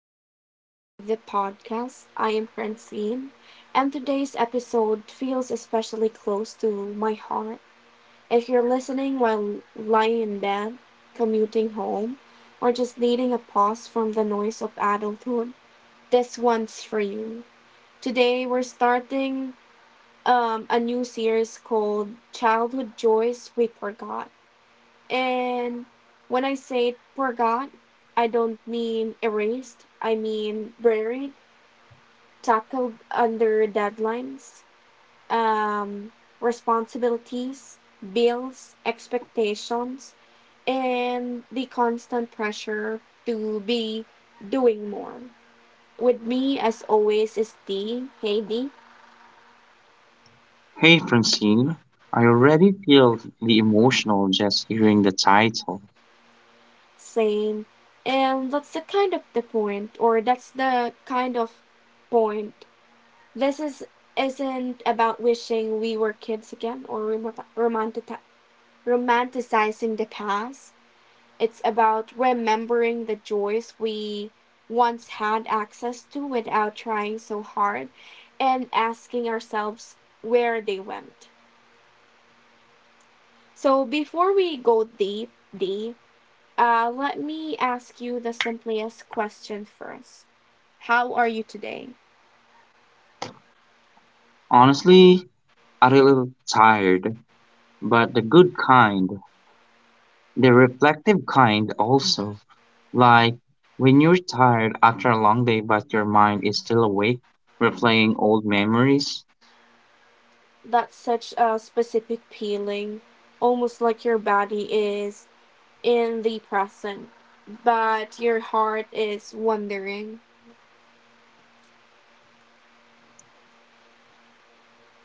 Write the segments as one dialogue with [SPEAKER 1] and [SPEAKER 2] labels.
[SPEAKER 1] Welcome back to the podcast. I am Francine, and today's episode feels especially close to my heart. If you're listening while lying in bed, commuting home, or just needing a pause from the noise of adulthood, this one's for you. Today, we're starting a new series called Childhood Joys We Forgot. And when I say forgot, I don't mean erased. I mean buried, tackled under deadlines, um, responsibilities, bills, expectations, and the constant pressure to be doing more. With me, as always, is D. Hey, D.
[SPEAKER 2] Hey Francine, I already feel the emotional just hearing the title.
[SPEAKER 1] Same. And that's the kind of the point, or that's the kind of point. This is isn't about wishing we were kids again or romantic- romanticizing the past. It's about remembering the joys we once had access to without trying so hard and asking ourselves where they went. So before we go deep, deep, let me ask you the simplest question first. How are you today?
[SPEAKER 2] Honestly, I'm a little tired, but the good kind, the reflective kind also. Like when you're tired after a long day but your mind is still awake, replaying old memories.
[SPEAKER 1] That's such a specific feeling, almost like your body is in the present, but your heart is wondering.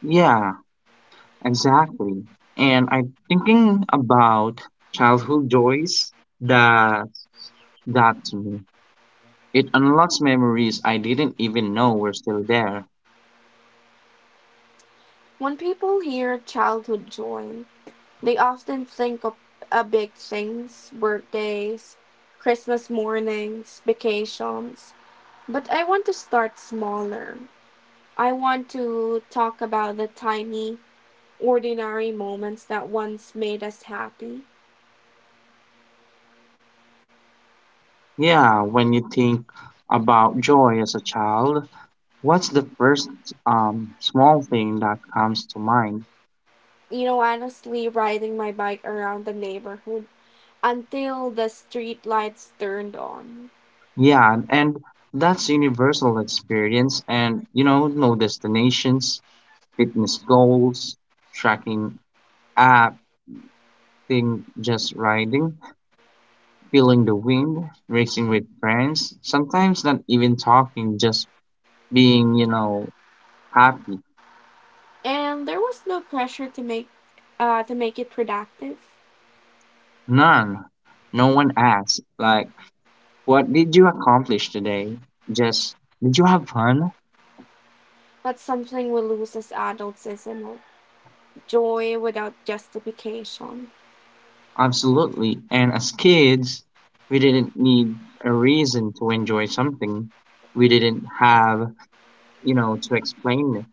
[SPEAKER 2] Yeah, exactly. And I'm thinking about childhood joys that that to me, it unlocks memories I didn't even know were still there.
[SPEAKER 1] When people hear childhood joy, they often think of big things, birthdays, Christmas mornings, vacations. But I want to start smaller. I want to talk about the tiny, ordinary moments that once made us happy.
[SPEAKER 2] Yeah, when you think about joy as a child, what's the first small thing that comes to mind?
[SPEAKER 1] Honestly, riding my bike around the neighborhood until the street lights turned on.
[SPEAKER 2] Yeah, and that's universal experience, and you know, no destinations, fitness goals, tracking app, thing just riding, feeling the wind, racing with friends, sometimes not even talking, just being, you know, happy.
[SPEAKER 1] And there was no pressure to make it productive.
[SPEAKER 2] None. No one asks. Like, what did you accomplish today? Just, did you have fun?
[SPEAKER 1] That's something we lose as adults, isn't it? Joy without justification.
[SPEAKER 2] Absolutely. And as kids, we didn't need a reason to enjoy something. We didn't have, you know, to explain it.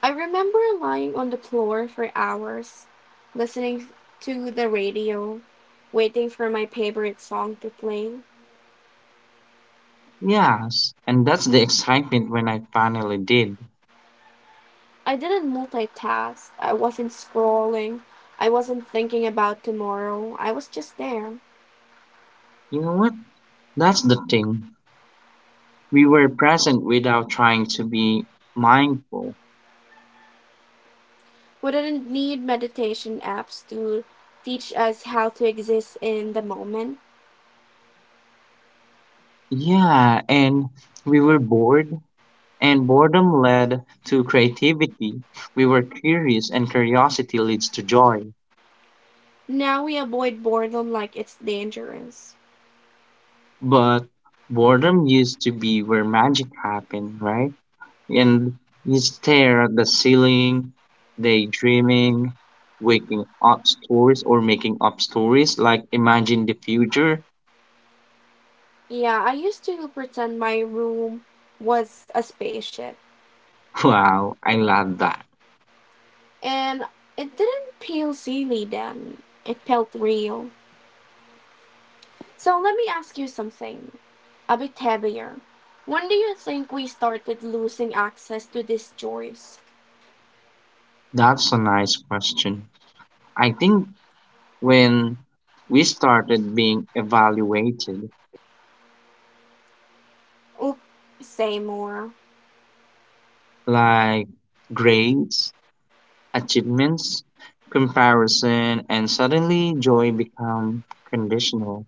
[SPEAKER 1] I remember lying on the floor for hours, listening to the radio, waiting for my favorite song to play.
[SPEAKER 2] Yes. And that's the excitement when I finally did.
[SPEAKER 1] I didn't multitask. I wasn't scrolling. I wasn't thinking about tomorrow. I was just there.
[SPEAKER 2] You know what? That's the thing. We were present without trying to be mindful.
[SPEAKER 1] We didn't need meditation apps to teach us how to exist in the moment.
[SPEAKER 2] Yeah. And we were bored, and boredom led to creativity. We were curious, and curiosity leads to joy.
[SPEAKER 1] Now we avoid boredom like it's dangerous.
[SPEAKER 2] But boredom used to be where magic happened, right? And you stare at the ceiling, daydreaming, waking up stories, or making up stories, like imagine the future.
[SPEAKER 1] Yeah, I used to pretend my room was a spaceship,
[SPEAKER 2] Wow, I love that.
[SPEAKER 1] and it didn't feel silly then. It felt real. So let me ask you something, a bit heavier. When do you think we started losing access to these joys?
[SPEAKER 2] That's a nice question. I think when we started being evaluated,
[SPEAKER 1] Or say more.
[SPEAKER 2] like grades, achievements, comparison, and suddenly joy become conditional.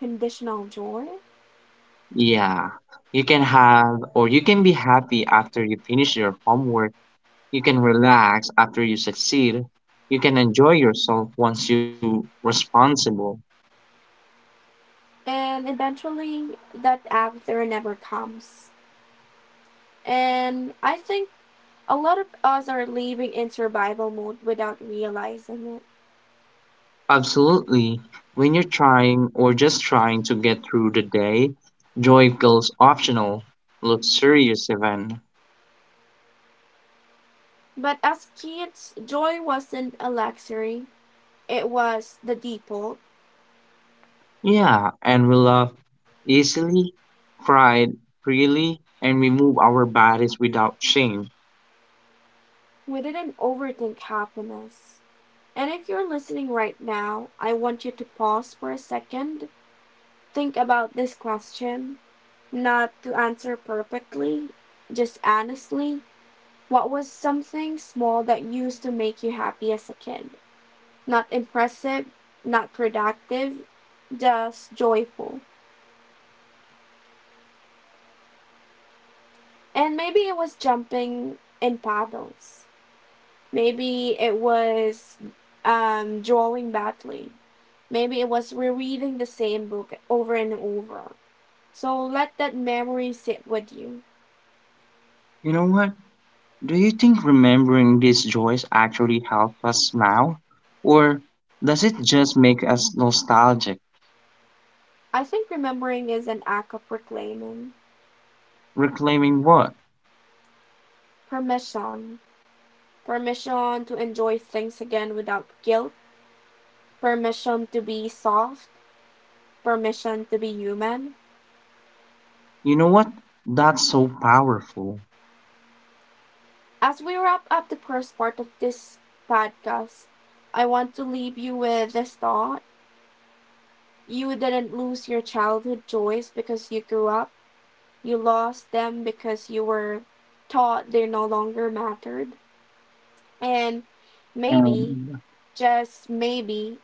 [SPEAKER 1] Conditional joy?
[SPEAKER 2] Yeah, you can have, or you can be happy after you finish your homework. You can relax after you succeed. You can enjoy yourself once you responsible.
[SPEAKER 1] And eventually, that after never comes. And I think a lot of us are living in survival mode without realizing it.
[SPEAKER 2] Absolutely. When you're trying, or just trying to get through the day, joy feels optional, luxurious even.
[SPEAKER 1] But as kids, joy wasn't a luxury, it was the default.
[SPEAKER 2] Yeah, and we laugh easily, cried freely, and we move our bodies without shame.
[SPEAKER 1] We didn't overthink happiness. And if you're listening right now, I want you to pause for a second. Think about this question, not to answer perfectly, just honestly. What was something small that used to make you happy as a kid? Not impressive, not productive, just joyful. And maybe it was jumping in puddles. Maybe it was drawing badly. Maybe it was rereading the same book over and over. So let that memory sit with you.
[SPEAKER 2] You know what? Do you think remembering these joys actually help us now? Or does it just make us nostalgic?
[SPEAKER 1] I think remembering is an act of reclaiming.
[SPEAKER 2] Reclaiming what?
[SPEAKER 1] Permission. Permission to enjoy things again without guilt. Permission to be soft. Permission to be human.
[SPEAKER 2] You know what? That's so powerful.
[SPEAKER 1] As we wrap up the first part of this podcast, I want to leave you with this thought. You didn't lose your childhood joys because you grew up. You lost them because you were taught they no longer mattered. And
[SPEAKER 2] And
[SPEAKER 1] maybe, just maybe,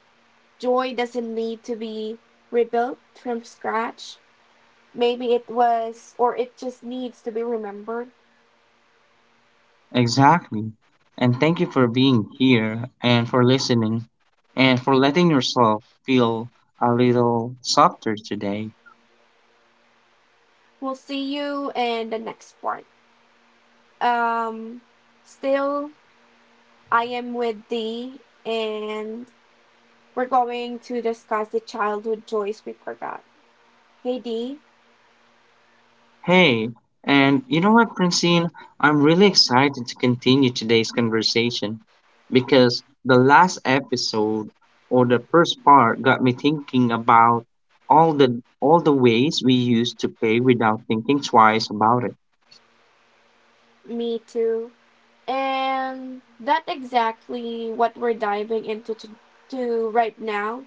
[SPEAKER 1] joy doesn't need to be rebuilt from scratch. Maybe it was, or it just needs to be remembered.
[SPEAKER 2] exactly. And thank you for being here and for listening and for letting yourself feel a little softer today.
[SPEAKER 1] We'll see you in the next part. Um, still, I am with thee, and we're going to discuss the childhood joys we forgot. Hey, Dee.
[SPEAKER 2] Hey, and you know what, Francine? I'm really excited to continue today's conversation because the last episode, or the first part, got me thinking about all the ways we used to pay without thinking twice about it.
[SPEAKER 1] Me too. And that's exactly what we're diving into to right now.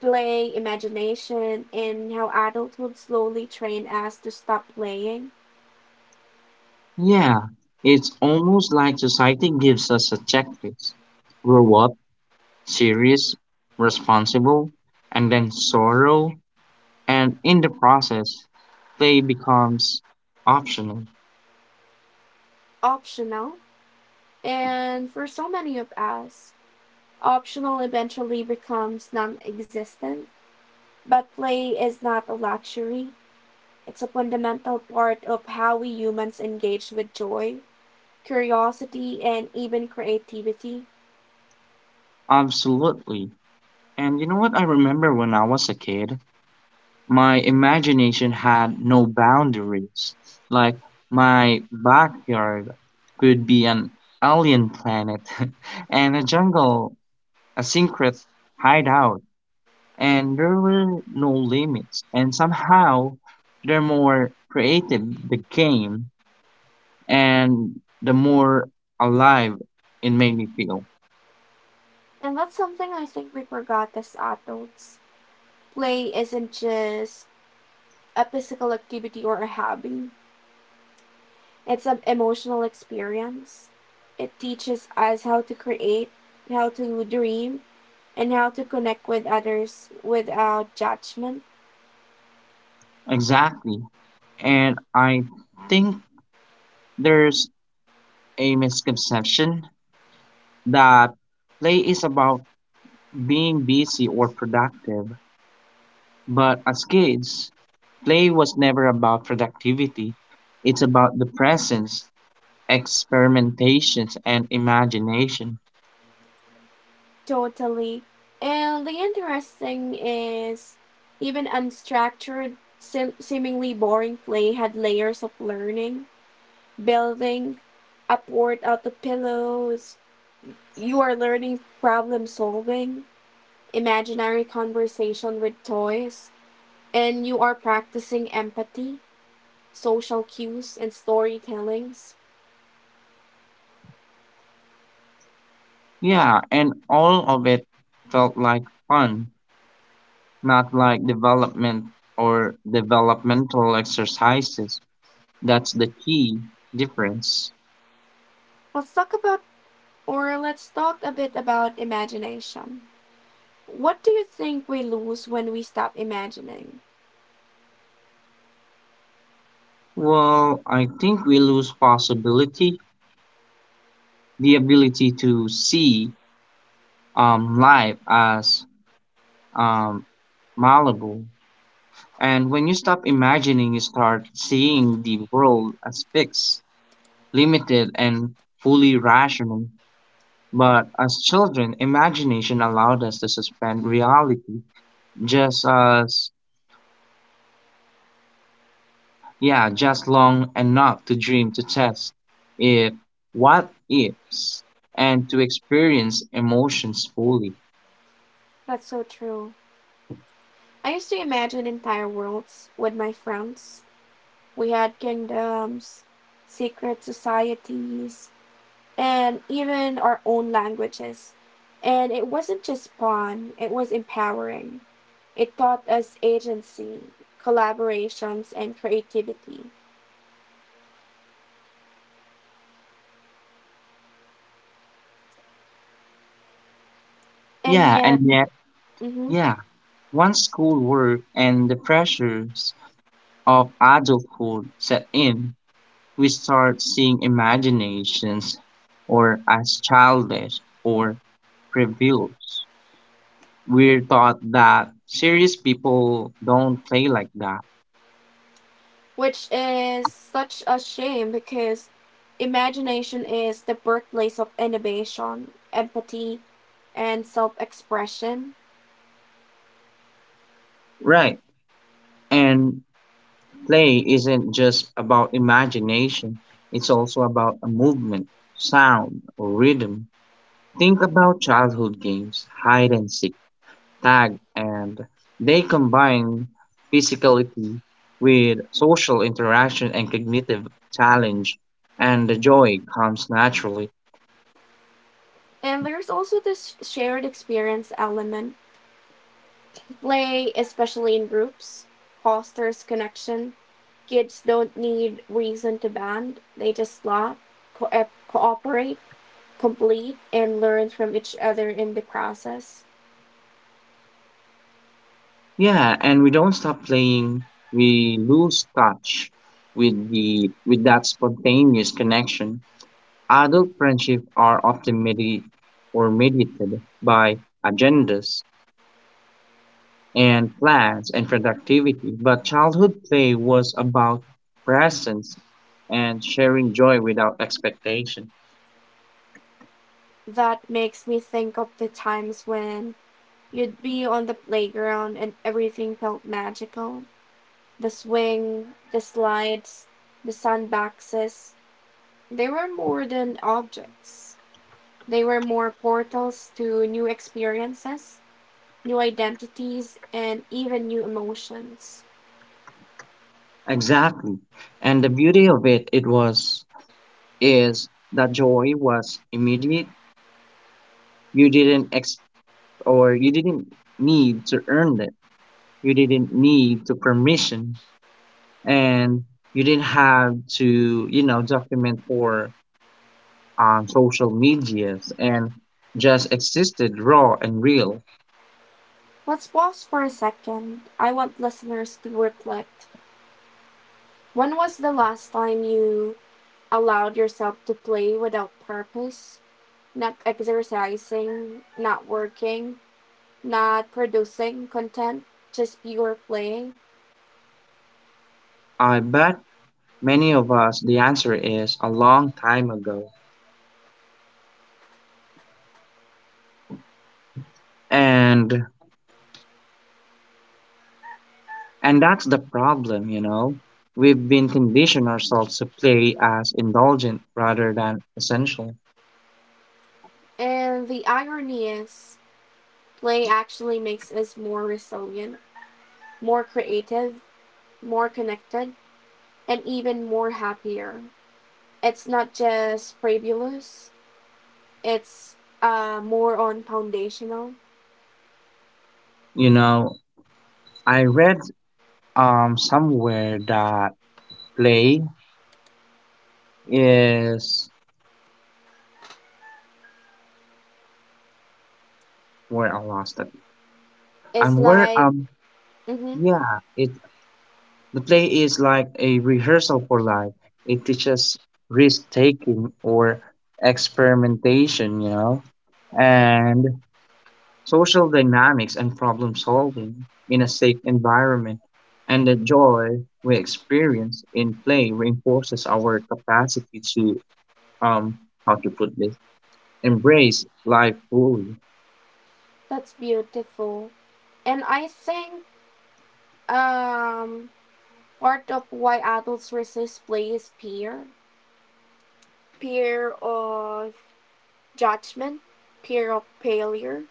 [SPEAKER 1] Play, imagination, and how adults would slowly train us to stop playing.
[SPEAKER 2] Yeah, it's almost like society gives us a checklist. Grow up, serious, responsible, and then sorrow, and in the process, play becomes optional.
[SPEAKER 1] Optional. And for so many of us, optional eventually becomes non existent. But play is not a luxury, it's a fundamental part of how we humans engage with joy, curiosity, and even creativity.
[SPEAKER 2] Absolutely. And you know what I remember when I was a kid? My imagination had no boundaries. Like, my backyard could be an alien planet and a jungle, a secret hideout, and there were no limits. And somehow, the more creative the game and the more alive it made me feel.
[SPEAKER 1] And that's something I think we forgot as adults. Play isn't just a physical activity or a hobby. It's an emotional experience. It teaches us how to create, how to dream, and how to connect with others without judgment.
[SPEAKER 2] Exactly. And I think there's a misconception that play is about being busy or productive. But as kids, play was never about productivity. It's about the presence, experimentations, and imagination.
[SPEAKER 1] Totally. And the interesting is, even unstructured, seemingly boring play had layers of learning, building, upward out the pillows. You are learning problem solving, imaginary conversation with toys, and you are practicing empathy social cues, and storytellings.
[SPEAKER 2] Yeah, and all of it felt like fun, not like development or developmental exercises. That's the key difference.
[SPEAKER 1] Let's talk about, let's talk a bit about imagination. What do you think we lose when we stop imagining?
[SPEAKER 2] Well, I think we lose possibility, the ability to see life as um, malleable. And when you stop imagining, you start seeing the world as fixed, limited, and fully rational. But as children, imagination allowed us to suspend reality just as, yeah, just long enough to dream, to test if what ifs, and to experience emotions fully.
[SPEAKER 1] That's so true. I used to imagine entire worlds with my friends. We had kingdoms, secret societies, and even our own languages. And it wasn't just fun, it was empowering. It taught us agency, collaborations, and creativity. And
[SPEAKER 2] Yeah, and
[SPEAKER 1] yet.
[SPEAKER 2] yet,
[SPEAKER 1] Mhm.
[SPEAKER 2] yeah, once schoolwork and the pressures of adulthood set in, we start seeing imaginations or as childish or frivolous. We're taught that serious people don't play like that.
[SPEAKER 1] Which is such a shame because imagination is the birthplace of innovation, empathy, and self expression.
[SPEAKER 2] Right. And play isn't just about imagination, it's also about a movement, sound, or rhythm. Think about childhood games, hide and seek, tag, and they combine physicality with social interaction and cognitive challenge, and the joy comes naturally.
[SPEAKER 1] And there's also this shared experience element. Play, especially in groups, fosters connection. Kids don't need reason to band, they just laugh, cooperate, complete, and learn from each other in the process.
[SPEAKER 2] Yeah, and we don't stop playing, we lose touch with that spontaneous connection. Adult friendships are often or mediated by agendas and plans and productivity, but childhood play was about presence and sharing joy without expectation.
[SPEAKER 1] That makes me think of the times when you'd be on the playground and everything felt magical. The swing, the slides, the sandboxes, they were more than objects. They were more portals to new experiences, new identities, and even new emotions.
[SPEAKER 2] Exactly. And the beauty of it it was is that joy was immediate. You didn't ex or you didn't need to earn it. You didn't need to permission, and you didn't have to, you know, document for social medias and just existed raw and real.
[SPEAKER 1] Let's pause for a second. I want listeners to reflect. When was the last time you allowed yourself to play without purpose? Not exercising, not working, not producing content, just pure play.
[SPEAKER 2] I bet many of us the answer is a long time ago. And and that's the problem, you know. We've been conditioned ourselves to play as indulgent rather than essential.
[SPEAKER 1] And the irony is, play actually makes us more resilient, more creative, more connected, and even more happier. It's not just frivolous. It's more on foundational.
[SPEAKER 2] You know, I read somewhere that play is where I lost it.
[SPEAKER 1] It's
[SPEAKER 2] And where
[SPEAKER 1] like. Mm-hmm.
[SPEAKER 2] yeah, it, the play is like a rehearsal for life. It teaches risk taking or experimentation, you know, and social dynamics and problem solving in a safe environment. And the joy we experience in play reinforces our capacity to, um, how to put this, embrace life fully.
[SPEAKER 1] That's beautiful. And I think um, part of why adults resist play is fear. Fear of judgment, fear of failure,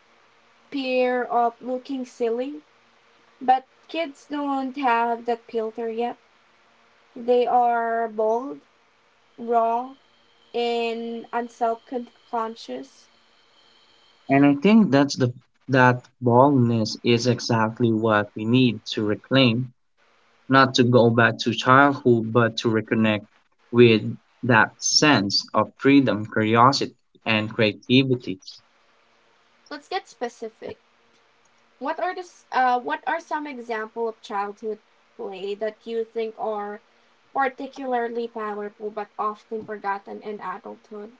[SPEAKER 1] fear of looking silly. But kids don't have that filter yet. They are bold, raw, and unself-conscious.
[SPEAKER 2] And I think that's the that boldness is exactly what we need to reclaim, not to go back to childhood, but to reconnect with that sense of freedom, curiosity, and creativity.
[SPEAKER 1] Let's get specific. What are what are some examples of childhood play that you think are particularly powerful but often forgotten in adulthood?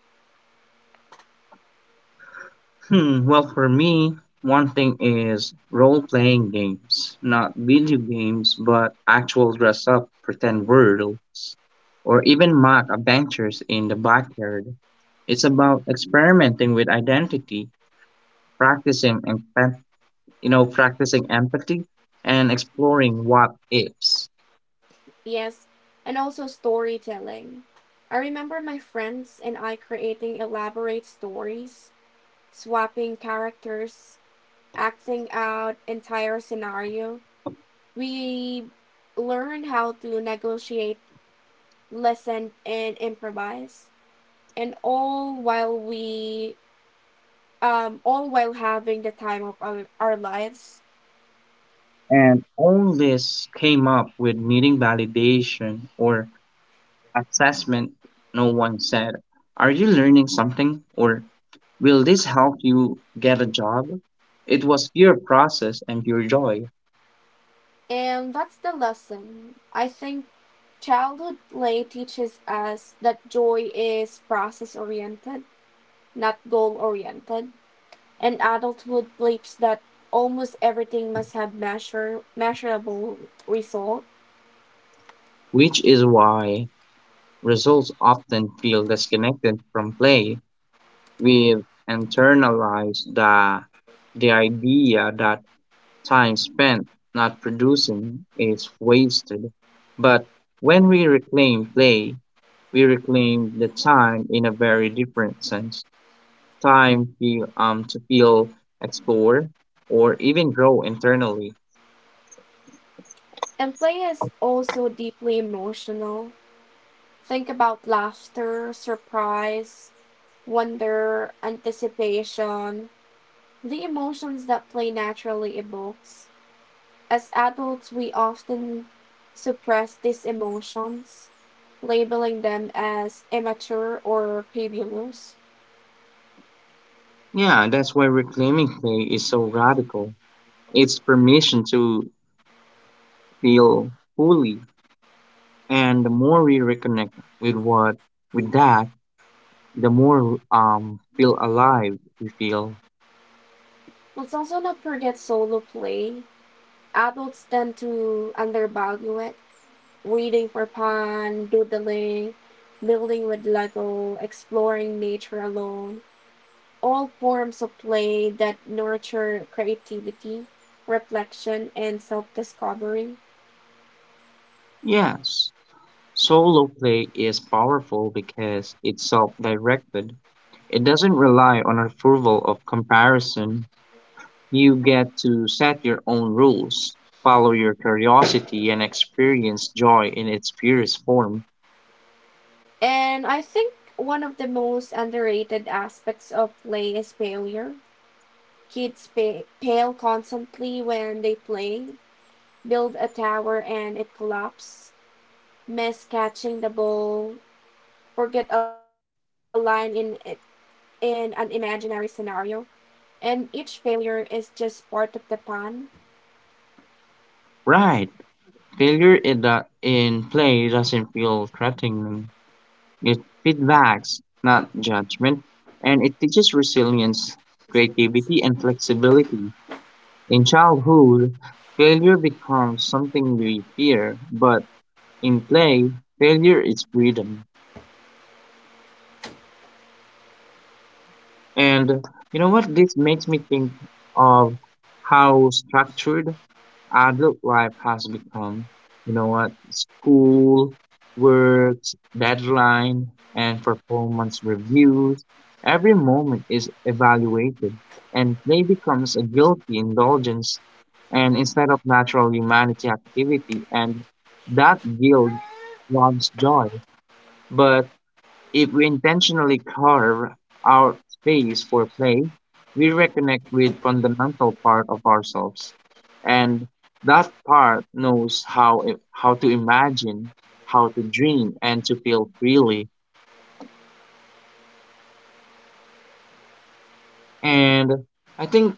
[SPEAKER 2] Hmm, well, for me, one thing is role playing games, not video games, but actual dress up, pretend worlds, or even mock adventures in the backyard. It's about experimenting with identity, practicing, and you know, practicing empathy, and exploring what ifs.
[SPEAKER 1] Yes, and also storytelling. I remember my friends and I creating elaborate stories, swapping characters, acting out entire scenario. We learned how to negotiate, listen, and improvise, and all while we all while having the time of our lives.
[SPEAKER 2] And all this came up with needing validation or assessment. No one said, are you learning something? Or will this help you get a job? It was pure process and pure joy,
[SPEAKER 1] And that's the lesson. I think childhood play teaches us that joy is process oriented, not goal oriented, and adulthood believes that almost everything must have measurable result.
[SPEAKER 2] which is why results often feel disconnected from play. We've internalized the idea that time spent not producing is wasted. But when we reclaim play, we reclaim the time in a very different sense. Time feel, to feel, explore, or even grow internally.
[SPEAKER 1] And play is also deeply emotional. Think about laughter, surprise, wonder, anticipation, the emotions that play naturally evokes. As adults, we often suppress these emotions, labeling them as immature or babylos.
[SPEAKER 2] Yeah, that's why reclaiming play is so radical. It's permission to feel fully, and the more we reconnect with what, with that, the more feel alive we feel.
[SPEAKER 1] Let's also not forget solo play. Adults tend to undervalue it, waiting for fun, doodling, building with Lego, exploring nature alone. All forms of play that nurture creativity, reflection, and self discovery.
[SPEAKER 2] Yes, solo play is powerful because it's self-directed. It doesn't rely on approval of comparison. You get to set your own rules, follow your curiosity, and experience joy in its purest form.
[SPEAKER 1] And I think one of the most underrated aspects of play is failure. Kids fail constantly when they play, build a tower and it collapses, miss catching the ball, forget a line in an imaginary scenario, and each failure is just part of the fun.
[SPEAKER 2] Right. Failure in play doesn't feel threatening. It feedbacks, not judgment, and it teaches resilience, creativity, and flexibility. In childhood, failure becomes something we fear, but in play, failure is freedom. And you know what? This makes me think of how structured adult life has become. You know what? School, work, deadline, and performance reviews. Every moment is evaluated, and play becomes a guilty indulgence, and instead of natural humanity activity, and that guilt robs joy. But if we intentionally carve out space for play, we reconnect with fundamental part of ourselves, and that part knows how to imagine, how to dream, and to feel freely. And I think,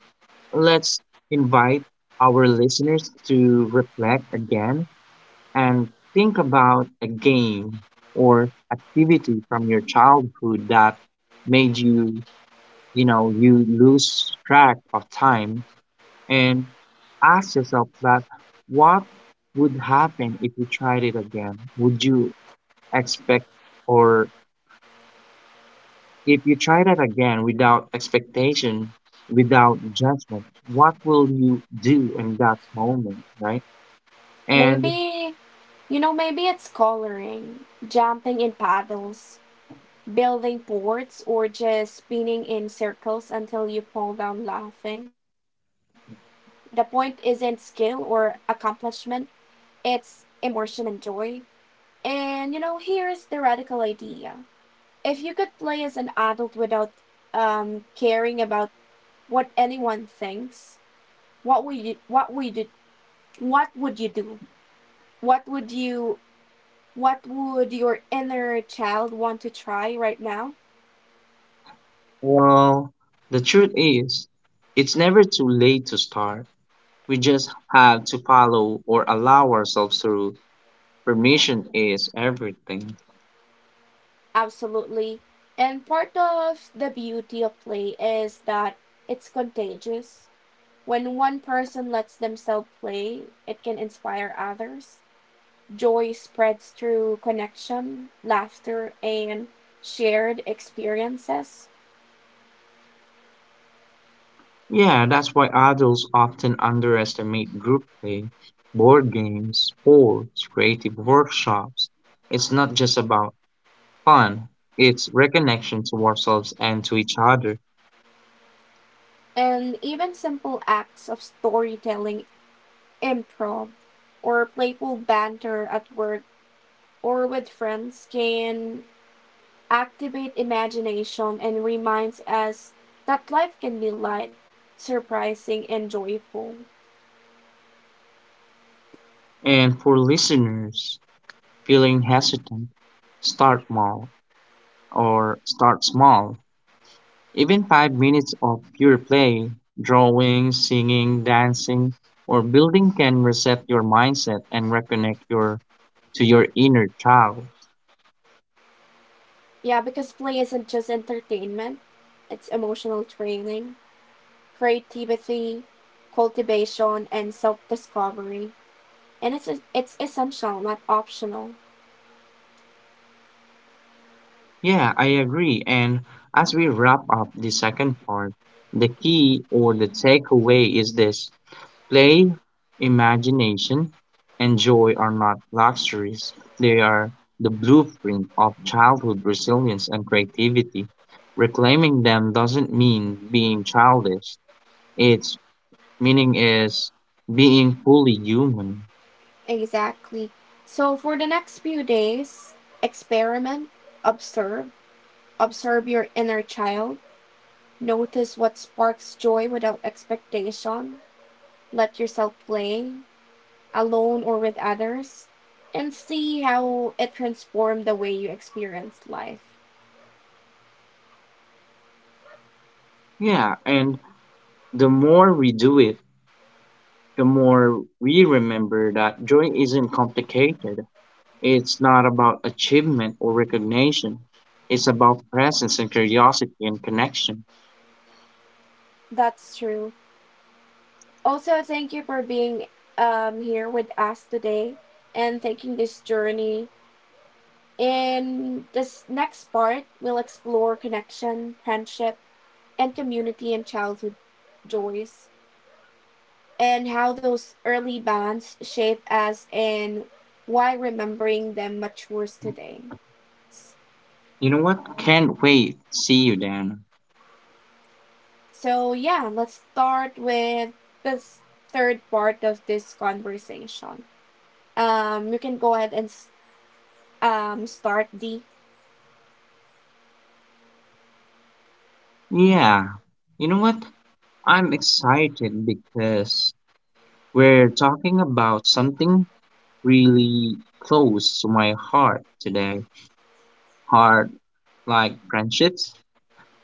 [SPEAKER 2] let's invite our listeners to reflect again and think about a game or activity from your childhood that made you, you know, you lose track of time, and ask yourself that, what would happen if you tried it again? Would you expect, or if you try that again without expectation, without judgment, what will you do in that moment, right? And
[SPEAKER 1] Maybe, maybe it's coloring, jumping in puddles, building forts, or just spinning in circles until you fall down laughing. The point isn't skill or accomplishment. It's immersion and joy. And here's the radical idea. If you could play as an adult without caring about what anyone thinks, what would you what would you what would you do? What would you what would your inner child want to try right now?
[SPEAKER 2] well, the truth is, it's never too late to start. We just have to follow or allow ourselves through. Permission is everything.
[SPEAKER 1] Absolutely. And part of the beauty of play is that it's contagious. When one person lets themselves play, it can inspire others. Joy spreads through connection, laughter, and shared experiences.
[SPEAKER 2] Yeah, that's why adults often underestimate group play, board games, sports, creative workshops. It's not just about fun, it's reconnection to ourselves and to each other.
[SPEAKER 1] And even simple acts of storytelling, improv, or playful banter at work or with friends can activate imagination and reminds us that life can be light, surprising, and joyful.
[SPEAKER 2] And for listeners feeling hesitant, start small or start small. Even 5 minutes of pure play, drawing, singing, dancing, or building can reset your mindset and reconnect your to your inner child.
[SPEAKER 1] Yeah, because play isn't just entertainment, it's emotional training, creativity, cultivation, and self discovery. And it's essential, not optional.
[SPEAKER 2] Yeah, I agree. And as we wrap up the second part, the key or the takeaway is this: play, imagination, and joy are not luxuries. They are the blueprint of childhood resilience and creativity. Reclaiming them doesn't mean being childish, its meaning is being fully human.
[SPEAKER 1] Exactly. So, for the next few days, experiment, observe, observe your inner child, notice what sparks joy without expectation, let yourself play, alone or with others, and see how it transformed the way you experience life.
[SPEAKER 2] Yeah, and the more we do it, the more we remember that joy isn't complicated. It's not about achievement or recognition. It's about presence and curiosity and connection.
[SPEAKER 1] That's true. Also, thank you for being here with us today and taking this journey. In this next part, we'll explore connection, friendship, and community and childhood joys, and how those early bonds shape us and why remembering them matures today.
[SPEAKER 2] You know what? Can't wait. See you then.
[SPEAKER 1] So, yeah, let's start with this third part of this conversation. You can go ahead and start, D.
[SPEAKER 2] Yeah. You know what? I'm excited because we're talking about something really close to my heart today. Heart, like friendships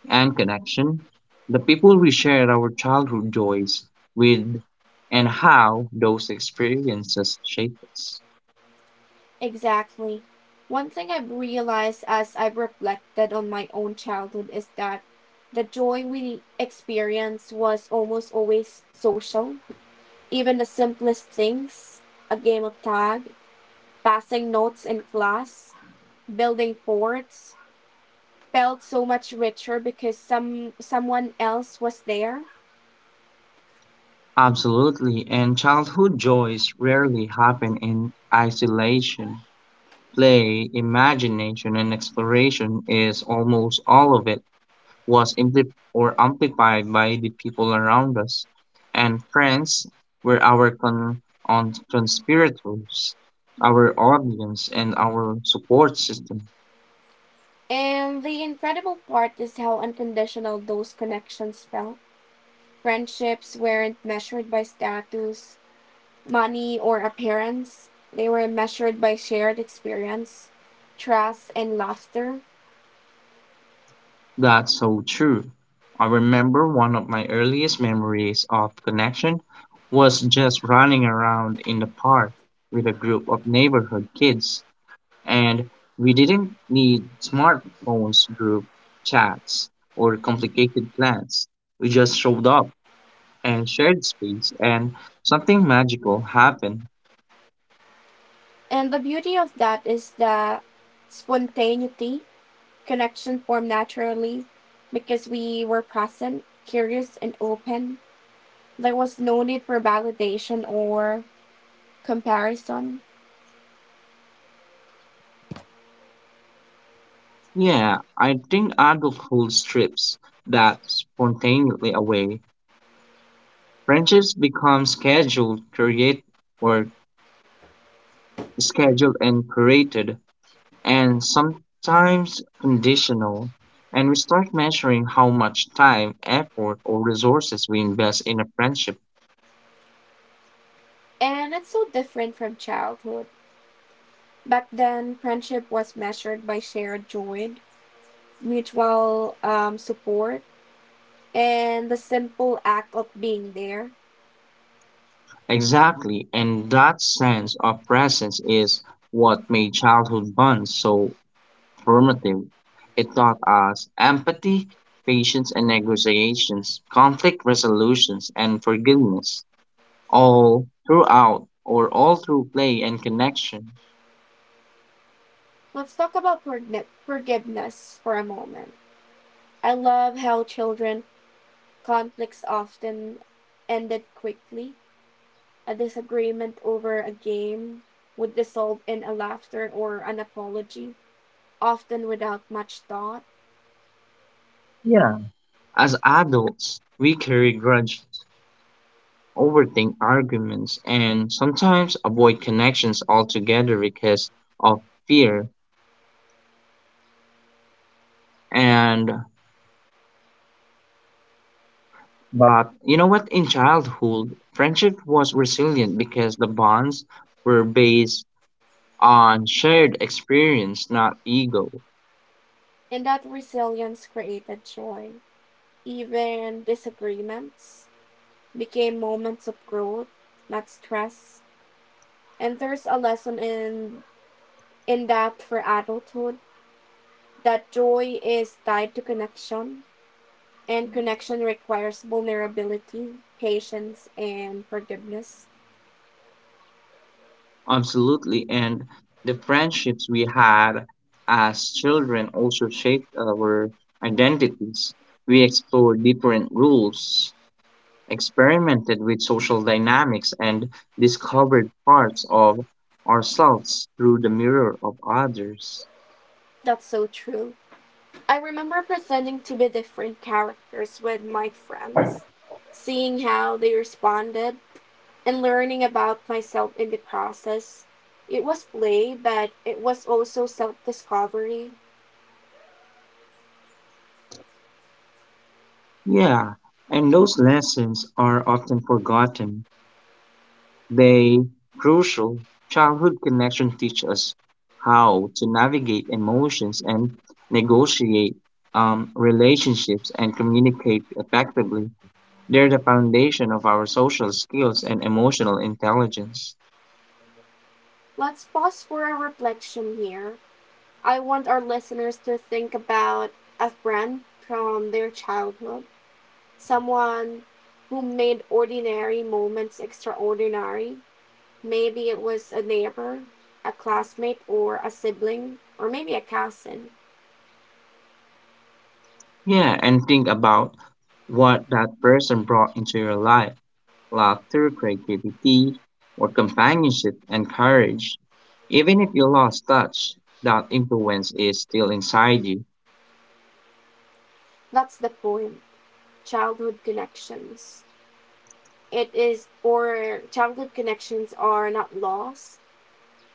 [SPEAKER 2] and connection. The people we shared our childhood joys with and how those experiences shape us.
[SPEAKER 1] Exactly. One thing I've realized as I've reflected on my own childhood is that the joy we experienced was almost always social. Even the simplest things, a game of tag, passing notes in class, building forts, felt so much richer because someone else was there.
[SPEAKER 2] Absolutely, and childhood joys rarely happen in isolation. Play, imagination, and exploration is almost all of it was ampli or amplified by the people around us. And friends were our on conspirators, our audience, and our support system.
[SPEAKER 1] And the incredible part is how unconditional those connections felt. Friendships weren't measured by status, money, or appearance. They were measured by shared experience, trust, and laughter.
[SPEAKER 2] That's so true. I remember one of my earliest memories of connection was just running around in the park with a group of neighborhood kids, and we didn't need smartphones, group chats, or complicated plans. We just showed up and shared space, and something magical happened.
[SPEAKER 1] And the beauty of that is the spontaneity. Connection formed naturally because we were present, curious, and open. There was no need for validation or comparison.
[SPEAKER 2] Yeah, I think adulthood strips that spontaneity away. Friendships become scheduled, create or scheduled and curated, and sometimes conditional. And we start measuring how much time, effort, or resources we invest in a friendship.
[SPEAKER 1] And it's so different from childhood. Back then, friendship was measured by shared joy, mutual support, and the simple act of being there.
[SPEAKER 2] Exactly, and that sense of presence is what made childhood bonds so formative. It taught us empathy, patience, and negotiations, conflict resolutions, and forgiveness, all through play and connection.
[SPEAKER 1] Let's talk about forgiveness for a moment. I love how children conflicts often ended quickly. A disagreement over a game would dissolve in a laughter or an apology, often without much thought.
[SPEAKER 2] Yeah, as adults, we carry grudges, overthink arguments, and sometimes avoid connections altogether because of fear. And but you know what? In childhood, friendship was resilient because the bonds were based on shared experience, not ego.
[SPEAKER 1] And that resilience created joy. Even disagreements became moments of growth, not stress. And there's a lesson in depth for adulthood, that joy is tied to connection, and connection requires vulnerability, patience, and forgiveness.
[SPEAKER 2] Absolutely. And the friendships we had as children also shaped our identities. We explored different rules, experimented with social dynamics, and discovered parts of ourselves through the mirror of others.
[SPEAKER 1] That's so true. I remember pretending to be different characters with my friends, seeing how they responded, and learning about myself in the process. It was play, but it was also self discovery.
[SPEAKER 2] Yeah, and those lessons are often forgotten. They crucial childhood connection teach us how to navigate emotions and negotiate relationships and communicate effectively. They're the foundation of our social skills and emotional intelligence.
[SPEAKER 1] Let's pause for a reflection here. I want our listeners to think about a friend from their childhood, someone who made ordinary moments extraordinary. Maybe it was a neighbor, a classmate, or a sibling, or maybe a cousin.
[SPEAKER 2] Yeah, and think about what that person brought into your life: laughter, creativity, or companionship and courage. Even if you lost touch, that influence is still inside you.
[SPEAKER 1] That's the point. Childhood connections. It is, or childhood connections are not lost.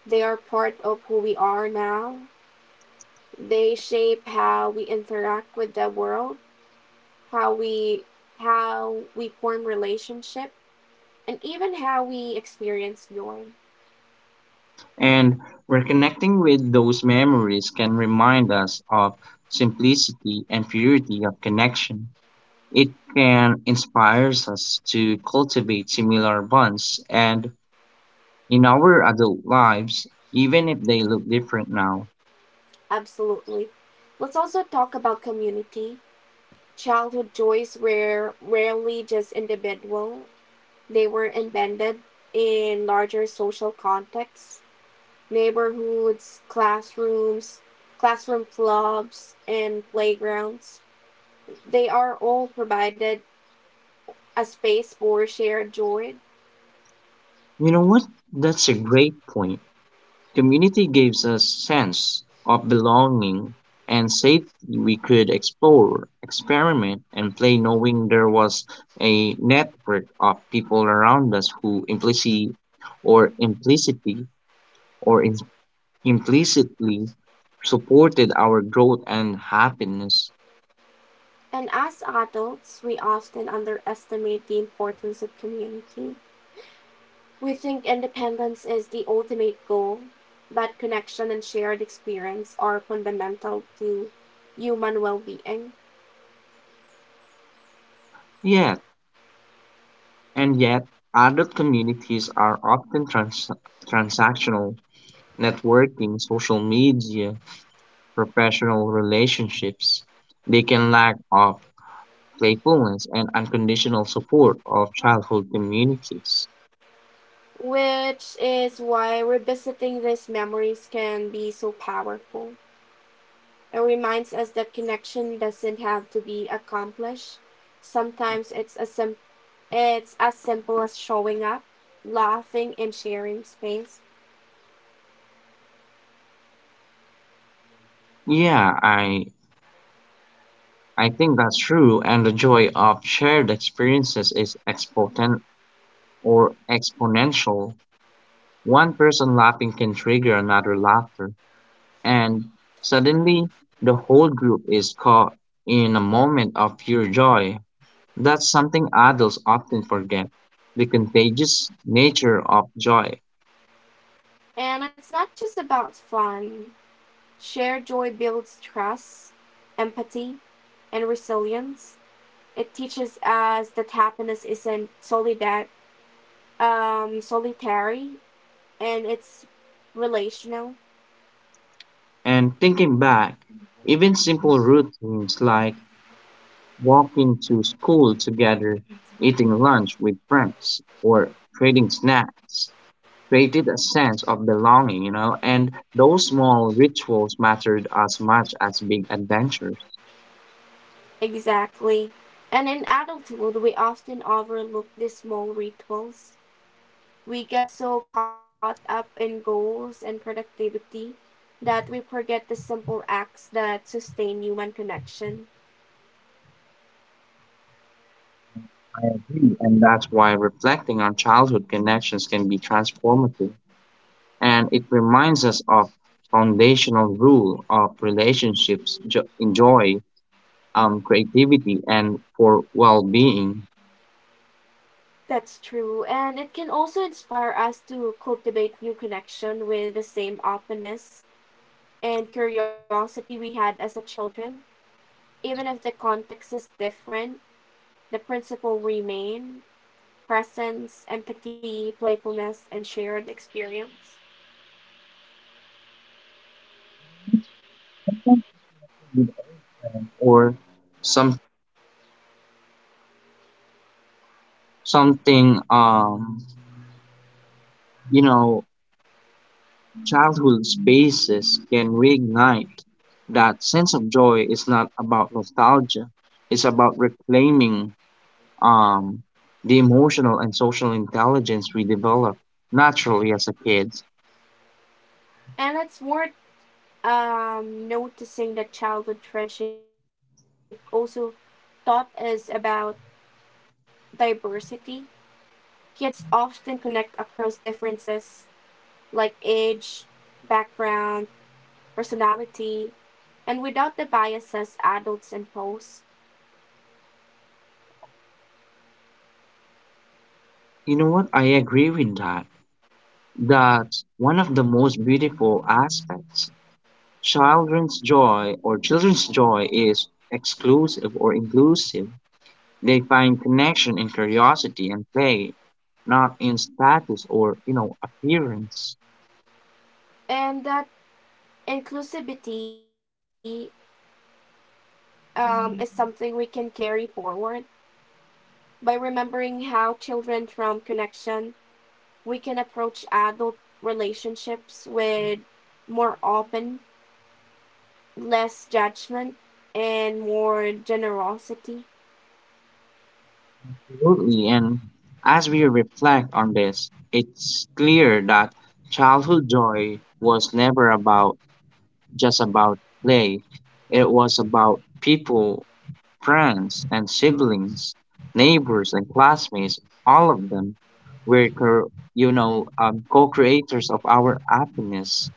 [SPEAKER 1] They are part of who we are now. They shape how we interact with the world, how we how we form relationship, and even how we experience joy.
[SPEAKER 2] And reconnecting with those memories can remind us of simplicity and purity of connection. It can inspire us to cultivate similar bonds and in our adult lives, even if they look different now.
[SPEAKER 1] Absolutely. Let's also talk about community. Childhood joys were rarely just individual. They were embedded in larger social contexts, neighborhoods, classrooms, classroom clubs, and playgrounds. They are all provided a space for shared joy.
[SPEAKER 2] You know what? That's a great point. Community gives us sense of belonging and safety. We could explore, experiment, and play knowing there was a network of people around us who or implicitly or in- implicitly supported our growth and happiness.
[SPEAKER 1] And as adults, we often underestimate the importance of community. We think independence is the ultimate goal, but connection and shared experience are fundamental to human well being,
[SPEAKER 2] Yet, and yet, adult communities are often transactional, networking, social media, professional relationships, they can lack of playfulness and unconditional support of childhood communities.
[SPEAKER 1] which is why revisiting these memories can be so powerful. It reminds us that connection doesn't have to be accomplished. Sometimes it's as simple as showing up, laughing, and sharing space.
[SPEAKER 2] Yeah, I think that's true, and the joy of shared experiences is expotent or exponential. One person laughing can trigger another laughter, and suddenly the whole group is caught in a moment of pure joy. That's something adults often forget, the contagious nature of joy.
[SPEAKER 1] And it's not just about fun. Shared joy builds trust, empathy, and resilience. It teaches us that happiness isn't solitary, and it's relational.
[SPEAKER 2] And thinking back, even simple routines like walking to school together, eating lunch with friends, or trading snacks created a sense of belonging, you know, and those small rituals mattered as much as big adventures.
[SPEAKER 1] Exactly. And in adulthood, we often overlook these small rituals. We get so caught up in goals and productivity that we forget the simple acts that sustain human connection.
[SPEAKER 2] I agree. And that's why reflecting on childhood connections can be transformative. And it reminds us of foundational rule of relationships, in joy, creativity, and for well-being,
[SPEAKER 1] That's true, and it can also inspire us to cultivate new connection with the same openness and curiosity we had as a children. Even if the context is different, the principle remain presence, empathy, playfulness, and shared experience.
[SPEAKER 2] or some something you know childhood spaces can reignite that sense of joy. Is not about nostalgia, it's about reclaiming um, the emotional and social intelligence we develop naturally as a kid.
[SPEAKER 1] And it's worth noticing that childhood friendship also taught us about diversity. Kids often connect across differences like age, background, personality, and without the biases adults impose.
[SPEAKER 2] You know what? I agree with that. That's one of the most beautiful aspects. Children's joy is exclusive or inclusive. They find connection in curiosity and play, not in status or you know appearance.
[SPEAKER 1] And that inclusivity is something we can carry forward. By remembering how children from connection, we can approach adult relationships with more open, less judgment, and more generosity.
[SPEAKER 2] Absolutely. And as we reflect on this, it's clear that childhood joy was never about just about play. It was about people: friends and siblings, neighbors and classmates, all of them were, co-creators of our happiness.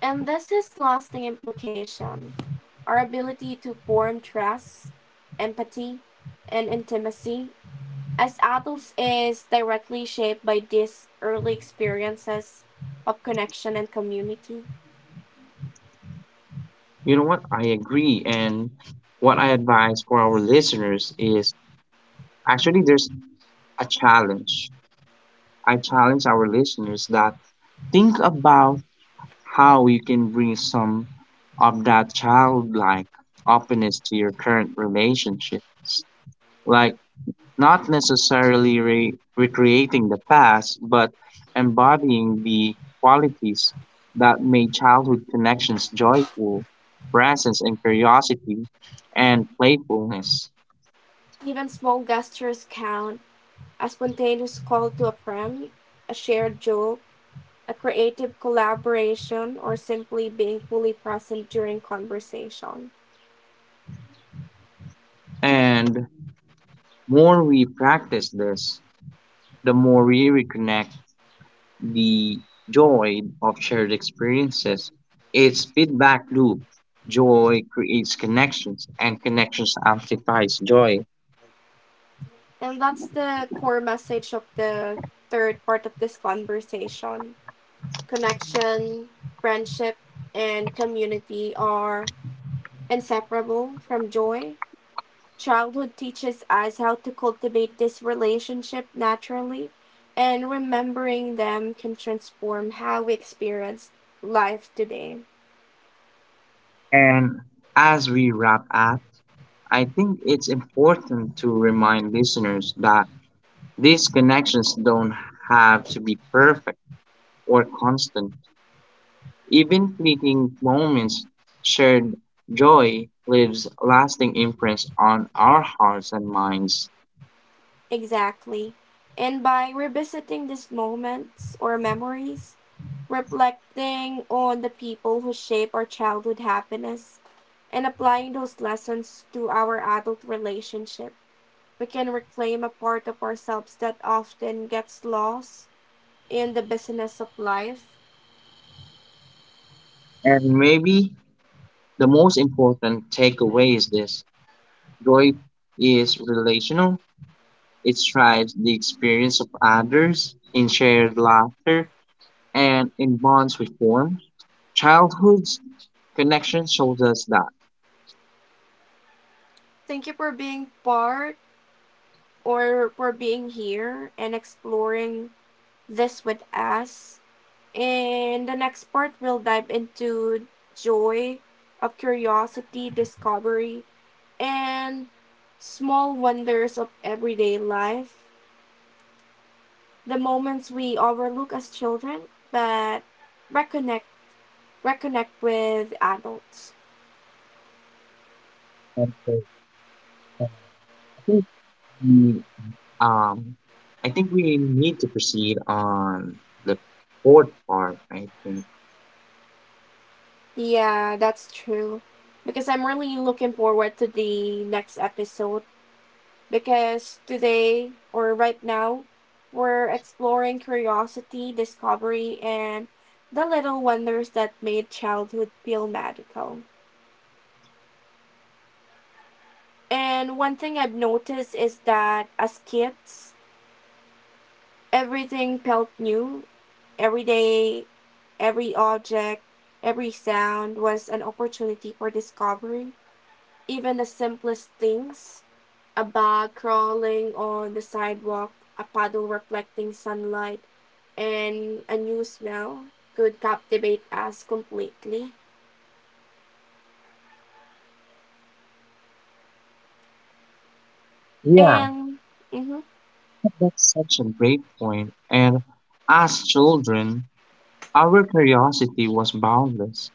[SPEAKER 1] And this has lasting implication. Our ability to form trust, empathy, and intimacy as adults is directly shaped by these early experiences of connection and community.
[SPEAKER 2] You know what? I agree. And what I advise for our listeners is actually there's a challenge. I challenge our listeners that think about how you can bring some of that childlike openness to your current relationships. Like, not necessarily recreating the past, but embodying the qualities that made childhood connections joyful, presence and curiosity, and playfulness.
[SPEAKER 1] Even small gestures count: a spontaneous call to a friend, a shared joke, a creative collaboration, or simply being fully present during conversation.
[SPEAKER 2] And more we practice this, the more we reconnect the joy of shared experiences. It's feedback loop. Joy creates connections, and connections amplifies joy.
[SPEAKER 1] And that's the core message of the third part of this conversation. Connection, friendship, and community are inseparable from joy. Childhood teaches us how to cultivate this relationship naturally, and remembering them can transform how we experience life today.
[SPEAKER 2] And as we wrap up, I think it's important to remind listeners that these connections don't have to be perfect or constant. Even fleeting moments shared joy leaves lasting imprints on our hearts and minds.
[SPEAKER 1] Exactly. And by revisiting these moments or memories, reflecting on the people who shape our childhood happiness, and applying those lessons to our adult relationship, we can reclaim a part of ourselves that often gets lost in the busyness of life.
[SPEAKER 2] And maybe the most important takeaway is this: joy is relational, it strives the experience of others in shared laughter and in bonds we form. Childhood's connection shows us that.
[SPEAKER 1] Thank you for being part, or for being here and exploring this with us. In the next part, we'll dive into joy, of curiosity, discovery, and small wonders of everyday life. The moments we overlook as children, but reconnect reconnect with adults.
[SPEAKER 2] And so I think we, um, I think we need to proceed on the fourth part. I think.
[SPEAKER 1] Yeah, that's true. Because I'm really looking forward to the next episode. Because today, or right now, we're exploring curiosity, discovery, and the little wonders that made childhood feel magical. And one thing I've noticed is that as kids, everything felt new. Every day, every object, every sound was an opportunity for discovery. Even the simplest things: a bug crawling on the sidewalk, a puddle reflecting sunlight, and a new smell could captivate us completely.
[SPEAKER 2] Yeah,
[SPEAKER 1] And mhm,
[SPEAKER 2] that's such a great point. And as children, our curiosity was boundless.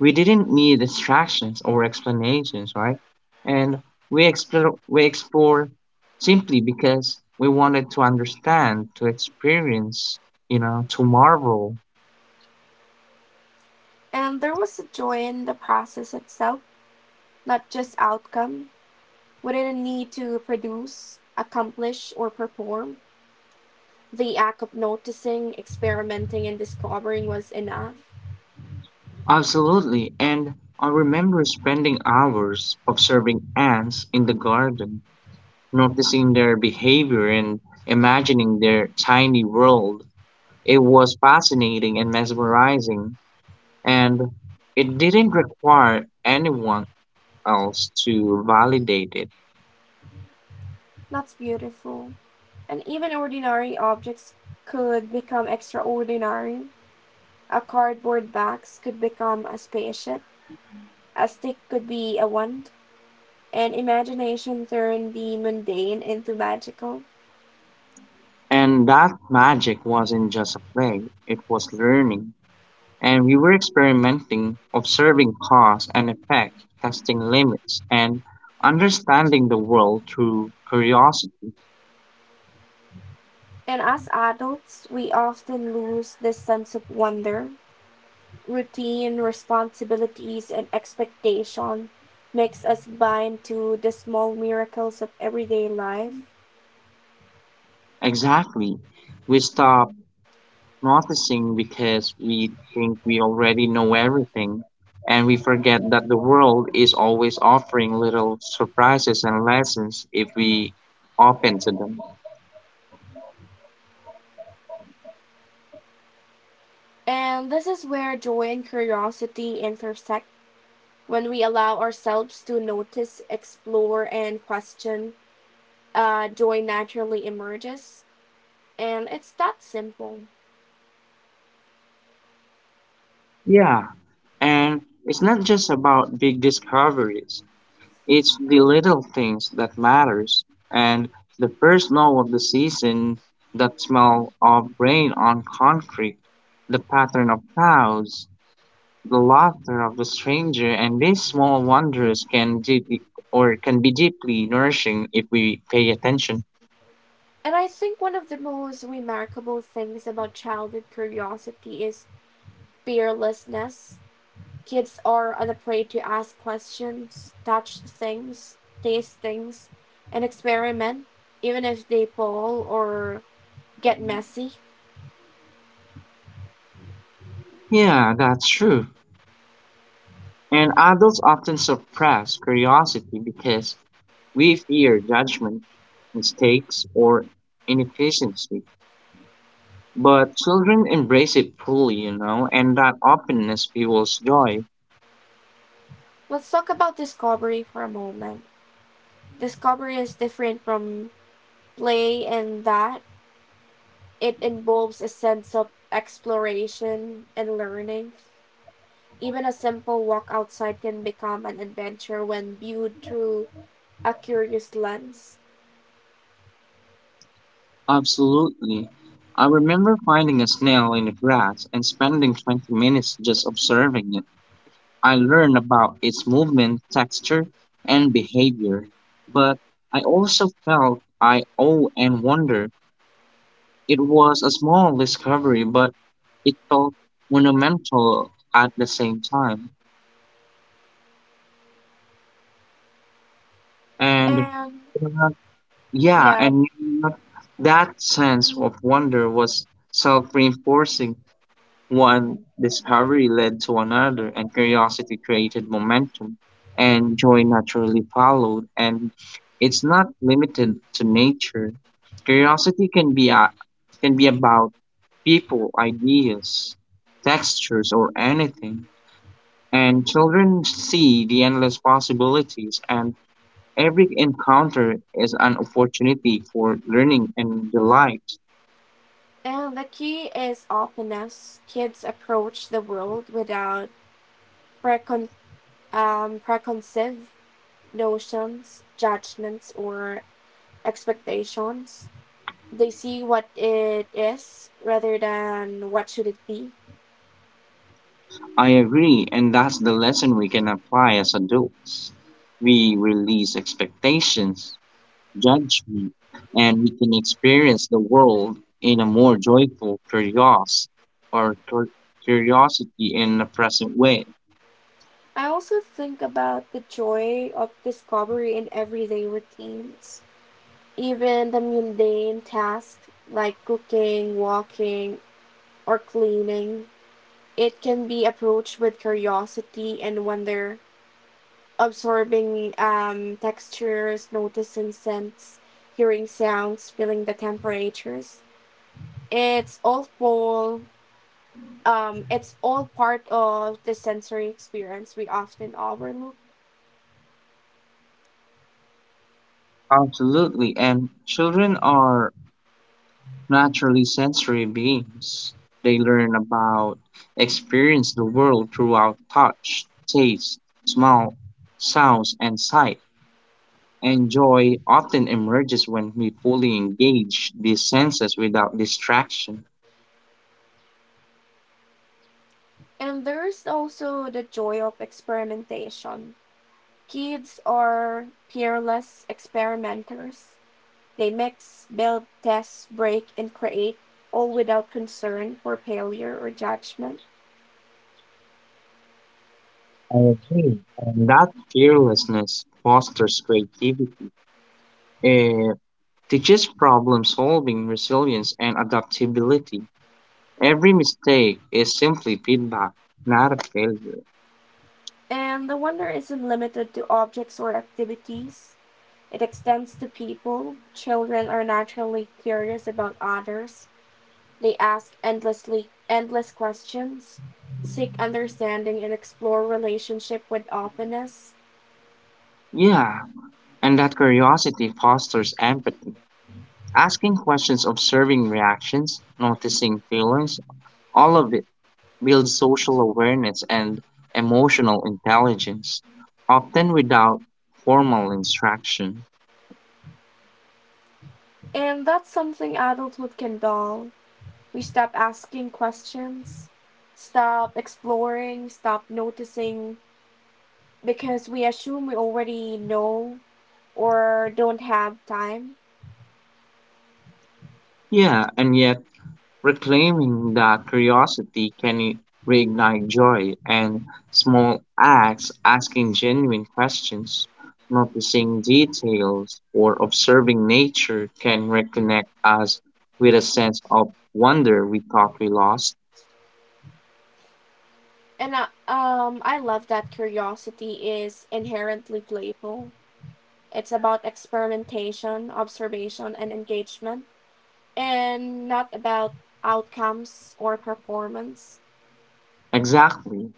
[SPEAKER 2] We didn't need distractions or explanations, right? And we explore simply because we wanted to understand, to experience, you know, to marvel.
[SPEAKER 1] and there was a joy in the process itself, not just outcome. We didn't need to produce, accomplish, or perform. The act of noticing, experimenting, and discovering was enough.
[SPEAKER 2] Absolutely, and I remember spending hours observing ants in the garden, noticing their behavior and imagining their tiny world. It was fascinating and mesmerizing, and it didn't require anyone else to validate it.
[SPEAKER 1] That's beautiful. And even ordinary objects could become extraordinary. A cardboard box could become a spaceship, a stick could be a wand, and imagination turned the mundane into magical.
[SPEAKER 2] And that magic wasn't just a play, it was learning. And we were experimenting, observing cause and effect, testing limits, and understanding the world through curiosity.
[SPEAKER 1] And as adults, we often lose this sense of wonder. Routine, responsibilities, and expectation makes us blind to the small miracles of everyday life.
[SPEAKER 2] Exactly. We stop noticing because we think we already know everything, and we forget that the world is always offering little surprises and lessons if we open to them.
[SPEAKER 1] And this is where joy and curiosity intersect. When we allow ourselves to notice, explore, and question, joy naturally emerges, and it's that simple.
[SPEAKER 2] Yeah, and it's not just about big discoveries. It's the little things that matters, and the first snow of the season, that smell of rain on concrete, the pattern of clouds, the laughter of the stranger, and these small wonders can be deeply nourishing if we pay attention.
[SPEAKER 1] And I think one of the most remarkable things about childhood curiosity is fearlessness. Kids are unafraid to ask questions, touch things, taste things, and experiment, even if they fall or get messy.
[SPEAKER 2] Yeah, that's true. And adults often suppress curiosity because we fear judgment, mistakes, or inefficiency. But children embrace it fully, you know, and that openness fuels joy.
[SPEAKER 1] Let's talk about discovery for a moment. Discovery is different from play in that it involves a sense of exploration and learning. Even a simple walk outside can become an adventure when viewed through a curious lens.
[SPEAKER 2] Absolutely. I remember finding a snail in the grass and spending 20 minutes just observing it. I learned about its movement, texture, and behavior, but I also felt I owe and wonder. It was a small discovery, but it felt monumental at the same time. And
[SPEAKER 1] And
[SPEAKER 2] yeah,
[SPEAKER 1] yeah,
[SPEAKER 2] and you know, that sense of wonder was self-reinforcing. One discovery led to another, and curiosity created momentum, and joy naturally followed. And it's not limited to nature. Curiosity can be about people, ideas, textures, or anything. And children see the endless possibilities and every encounter is an opportunity for learning and delight.
[SPEAKER 1] and the key is openness. Kids approach the world without precon- preconceived notions, judgments, or expectations. They see what it is rather than what should it be.
[SPEAKER 2] I agree, and that's the lesson we can apply as adults. We release expectations, judgment, and we can experience the world in a more joyful curiosity or cur- curiosity in the present way.
[SPEAKER 1] I also think about the joy of discovery in everyday routines, even the mundane tasks like cooking, walking, or cleaning. It can be approached with curiosity and wonder, absorbing textures, noticing scents, hearing sounds, feeling the temperatures. It's all full, it's all part of the sensory experience we often overlook.
[SPEAKER 2] Absolutely, and children are naturally sensory beings. They learn about, experience the world throughout touch, taste, smell, sounds, and sight. And joy often emerges when we fully engage these senses without distraction.
[SPEAKER 1] And there's also the joy of experimentation. Kids are peerless experimenters. They mix, build, test, break, and create, all without concern for failure or judgment.
[SPEAKER 2] I agree. And that fearlessness fosters creativity. It teaches problem solving, resilience, and adaptability. Every mistake is simply feedback, not a failure.
[SPEAKER 1] And the wonder isn't limited to objects or activities, it extends to people. Children are naturally curious about others. They ask endless questions, seek understanding, and explore relationship with openness.
[SPEAKER 2] Yeah, and that curiosity fosters empathy. Asking questions, observing reactions, noticing feelings, all of it builds social awareness and emotional intelligence, often without formal instruction.
[SPEAKER 1] And that's something adulthood can dull. We stop asking questions, stop exploring, stop noticing because we assume we already know or don't have time.
[SPEAKER 2] Yeah, and yet reclaiming that curiosity can reignite joy, and small acts, asking genuine questions, noticing details, or observing nature can reconnect us with a sense of wonder we thought we lost.
[SPEAKER 1] And I love that curiosity is inherently playful. It's about experimentation, observation, and engagement, and not about outcomes or performance.
[SPEAKER 2] Exactly.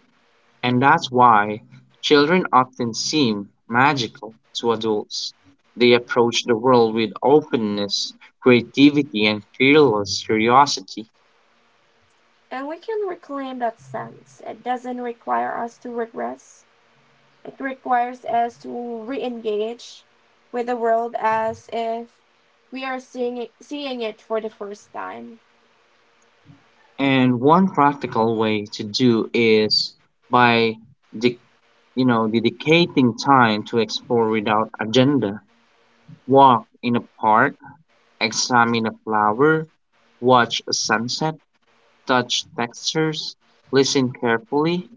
[SPEAKER 2] And that's why children often seem magical to adults. They approach the world with openness, creativity, and fearless curiosity.
[SPEAKER 1] And we can reclaim that sense. It doesn't require us to regress, it requires us to re-engage with the world as if we are seeing it for the first time.
[SPEAKER 2] And one practical way to do is by de- you know dedicating time to explore without agenda. Walk in a park, examine a flower, watch a sunset, touch textures, listen carefully.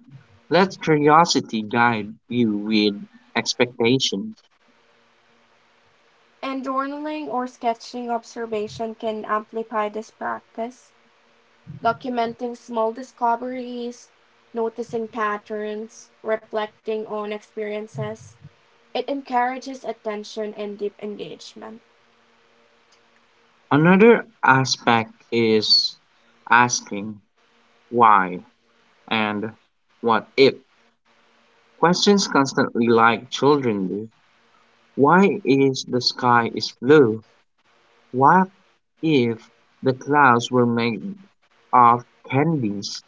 [SPEAKER 2] Let curiosity guide you with expectation.
[SPEAKER 1] And journaling or sketching observation can amplify this practice, documenting small discoveries, noticing patterns, reflecting on experiences. It encourages attention and deep engagement.
[SPEAKER 2] Another aspect is asking why and what if questions constantly like children do. Why is the sky is blue? What if the clouds were made of candies?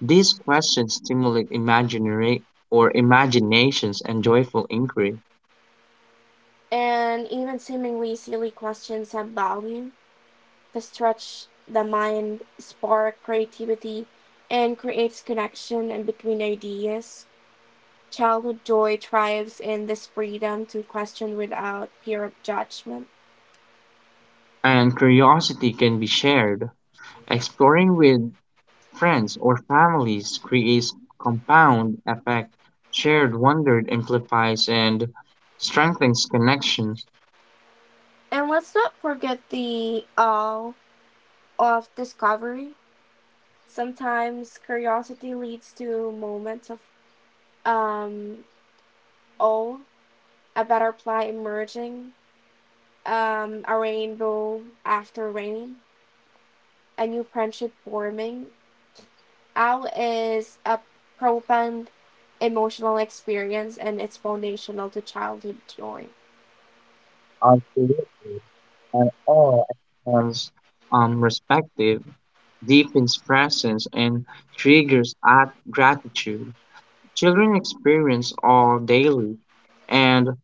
[SPEAKER 2] These questions stimulate imaginary or imaginations and joyful inquiry,
[SPEAKER 1] And even seemingly silly questions have value. They stretch the mind, spark creativity, and creates connection in between ideas. Childhood joy thrives in this freedom to question without fear of judgment.
[SPEAKER 2] and curiosity can be shared. Exploring with friends or families creates compound effect. Shared wonder amplifies and strengthens connections.
[SPEAKER 1] And let's not forget the awe of discovery. Sometimes curiosity leads to moments of um, awe, a butterfly emerging, a rainbow after rain, a new friendship forming. Out is a profound emotional experience and it's foundational to childhood joy.
[SPEAKER 2] Absolutely. And all at respective, deepens presence, and triggers at gratitude. Children experience all daily, and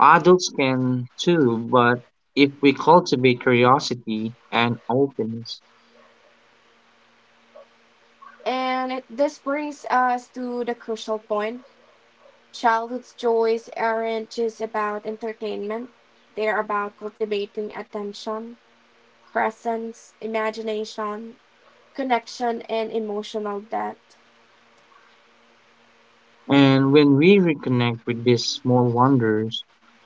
[SPEAKER 2] adults can too, but if we cultivate curiosity and openness.
[SPEAKER 1] And it, this brings us to the crucial point. Childhood joys aren't just about entertainment, they're about cultivating attention, presence, imagination, connection, and emotional depth.
[SPEAKER 2] And when we reconnect with these small wonders,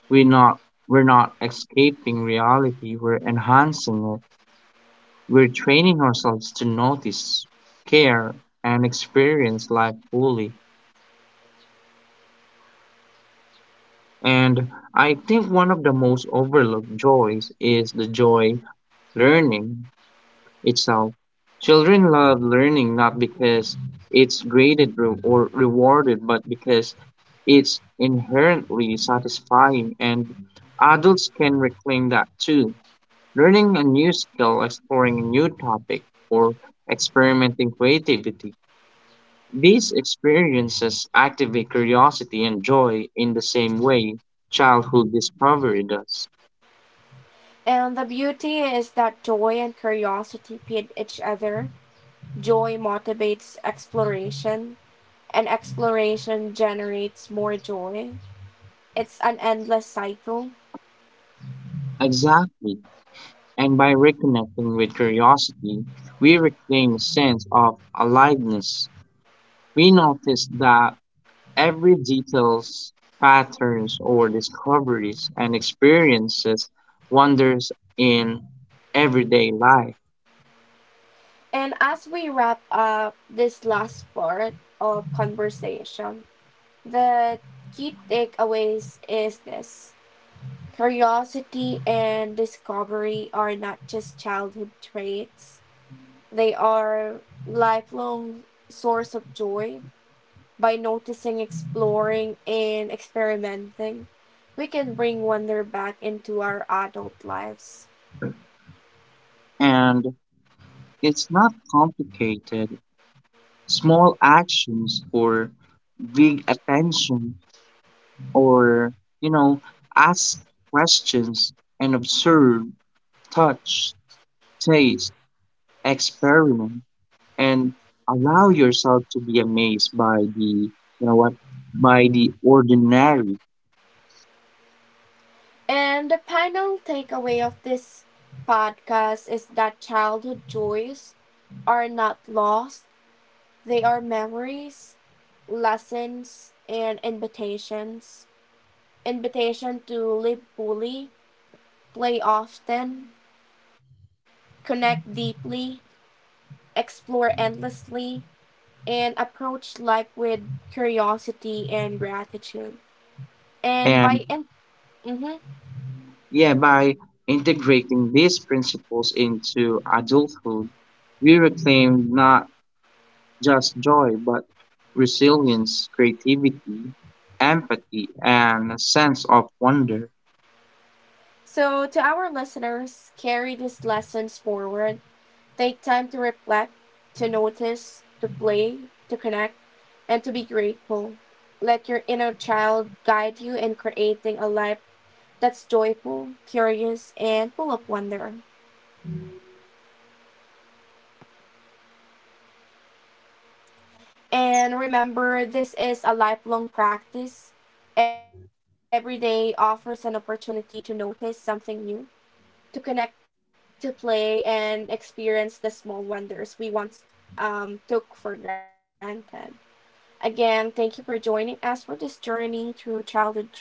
[SPEAKER 2] we not we're not escaping reality, we're enhancing it. We're training ourselves to notice, care, and experience life fully. And I think one of the most overlooked joys is the joy learning itself. Children love learning not because it's graded re- or rewarded, but because it's inherently satisfying. And adults can reclaim that too. Learning a new skill, exploring a new topic, or experimenting creativity, these experiences activate curiosity and joy in the same way childhood discovery does.
[SPEAKER 1] And the beauty is that joy and curiosity feed each other. Joy motivates exploration, and exploration generates more joy. It's an endless cycle.
[SPEAKER 2] Exactly. And by reconnecting with curiosity, we reclaim a sense of aliveness. We notice that every details, patterns, or discoveries and experiences wonders in everyday life.
[SPEAKER 1] And as we wrap up this last part of conversation, the key takeaways is this: curiosity and discovery are not just childhood traits, they are lifelong source of joy. By noticing, exploring, and experimenting, we can bring wonder back into our adult lives.
[SPEAKER 2] And it's not complicated. Small actions or big attention, or you know, ask questions and observe, touch, taste, experiment, and allow yourself to be amazed by the, you know what, by the ordinary.
[SPEAKER 1] And the final takeaway of this podcast is that childhood joys are not lost, they are memories, lessons, and invitations. Invitation to live fully, play often, connect deeply, explore endlessly, and approach life with curiosity and gratitude. And
[SPEAKER 2] And
[SPEAKER 1] by and mhm.
[SPEAKER 2] yeah, by integrating these principles into adulthood we reclaim not just joy, but resilience, creativity, empathy, and a sense of wonder.
[SPEAKER 1] So to our listeners, carry these lessons forward. Take time to reflect, to notice, to play, to connect, and to be grateful. Let your inner child guide you in creating a life that's joyful, curious, and full of wonder. And remember, this is a lifelong practice. Every day offers an opportunity to notice something new, to connect, to play, and experience the small wonders we once took for granted. Again, thank you for joining us for this journey through childhood joys.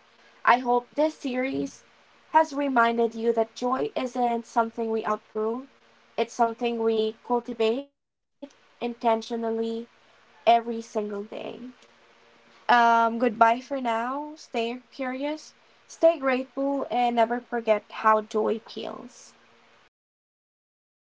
[SPEAKER 1] I hope this series has reminded you that joy isn't something we outgrow, it's something we cultivate intentionally every single day. Goodbye for now. Stay curious, stay grateful, and never forget how joy feels.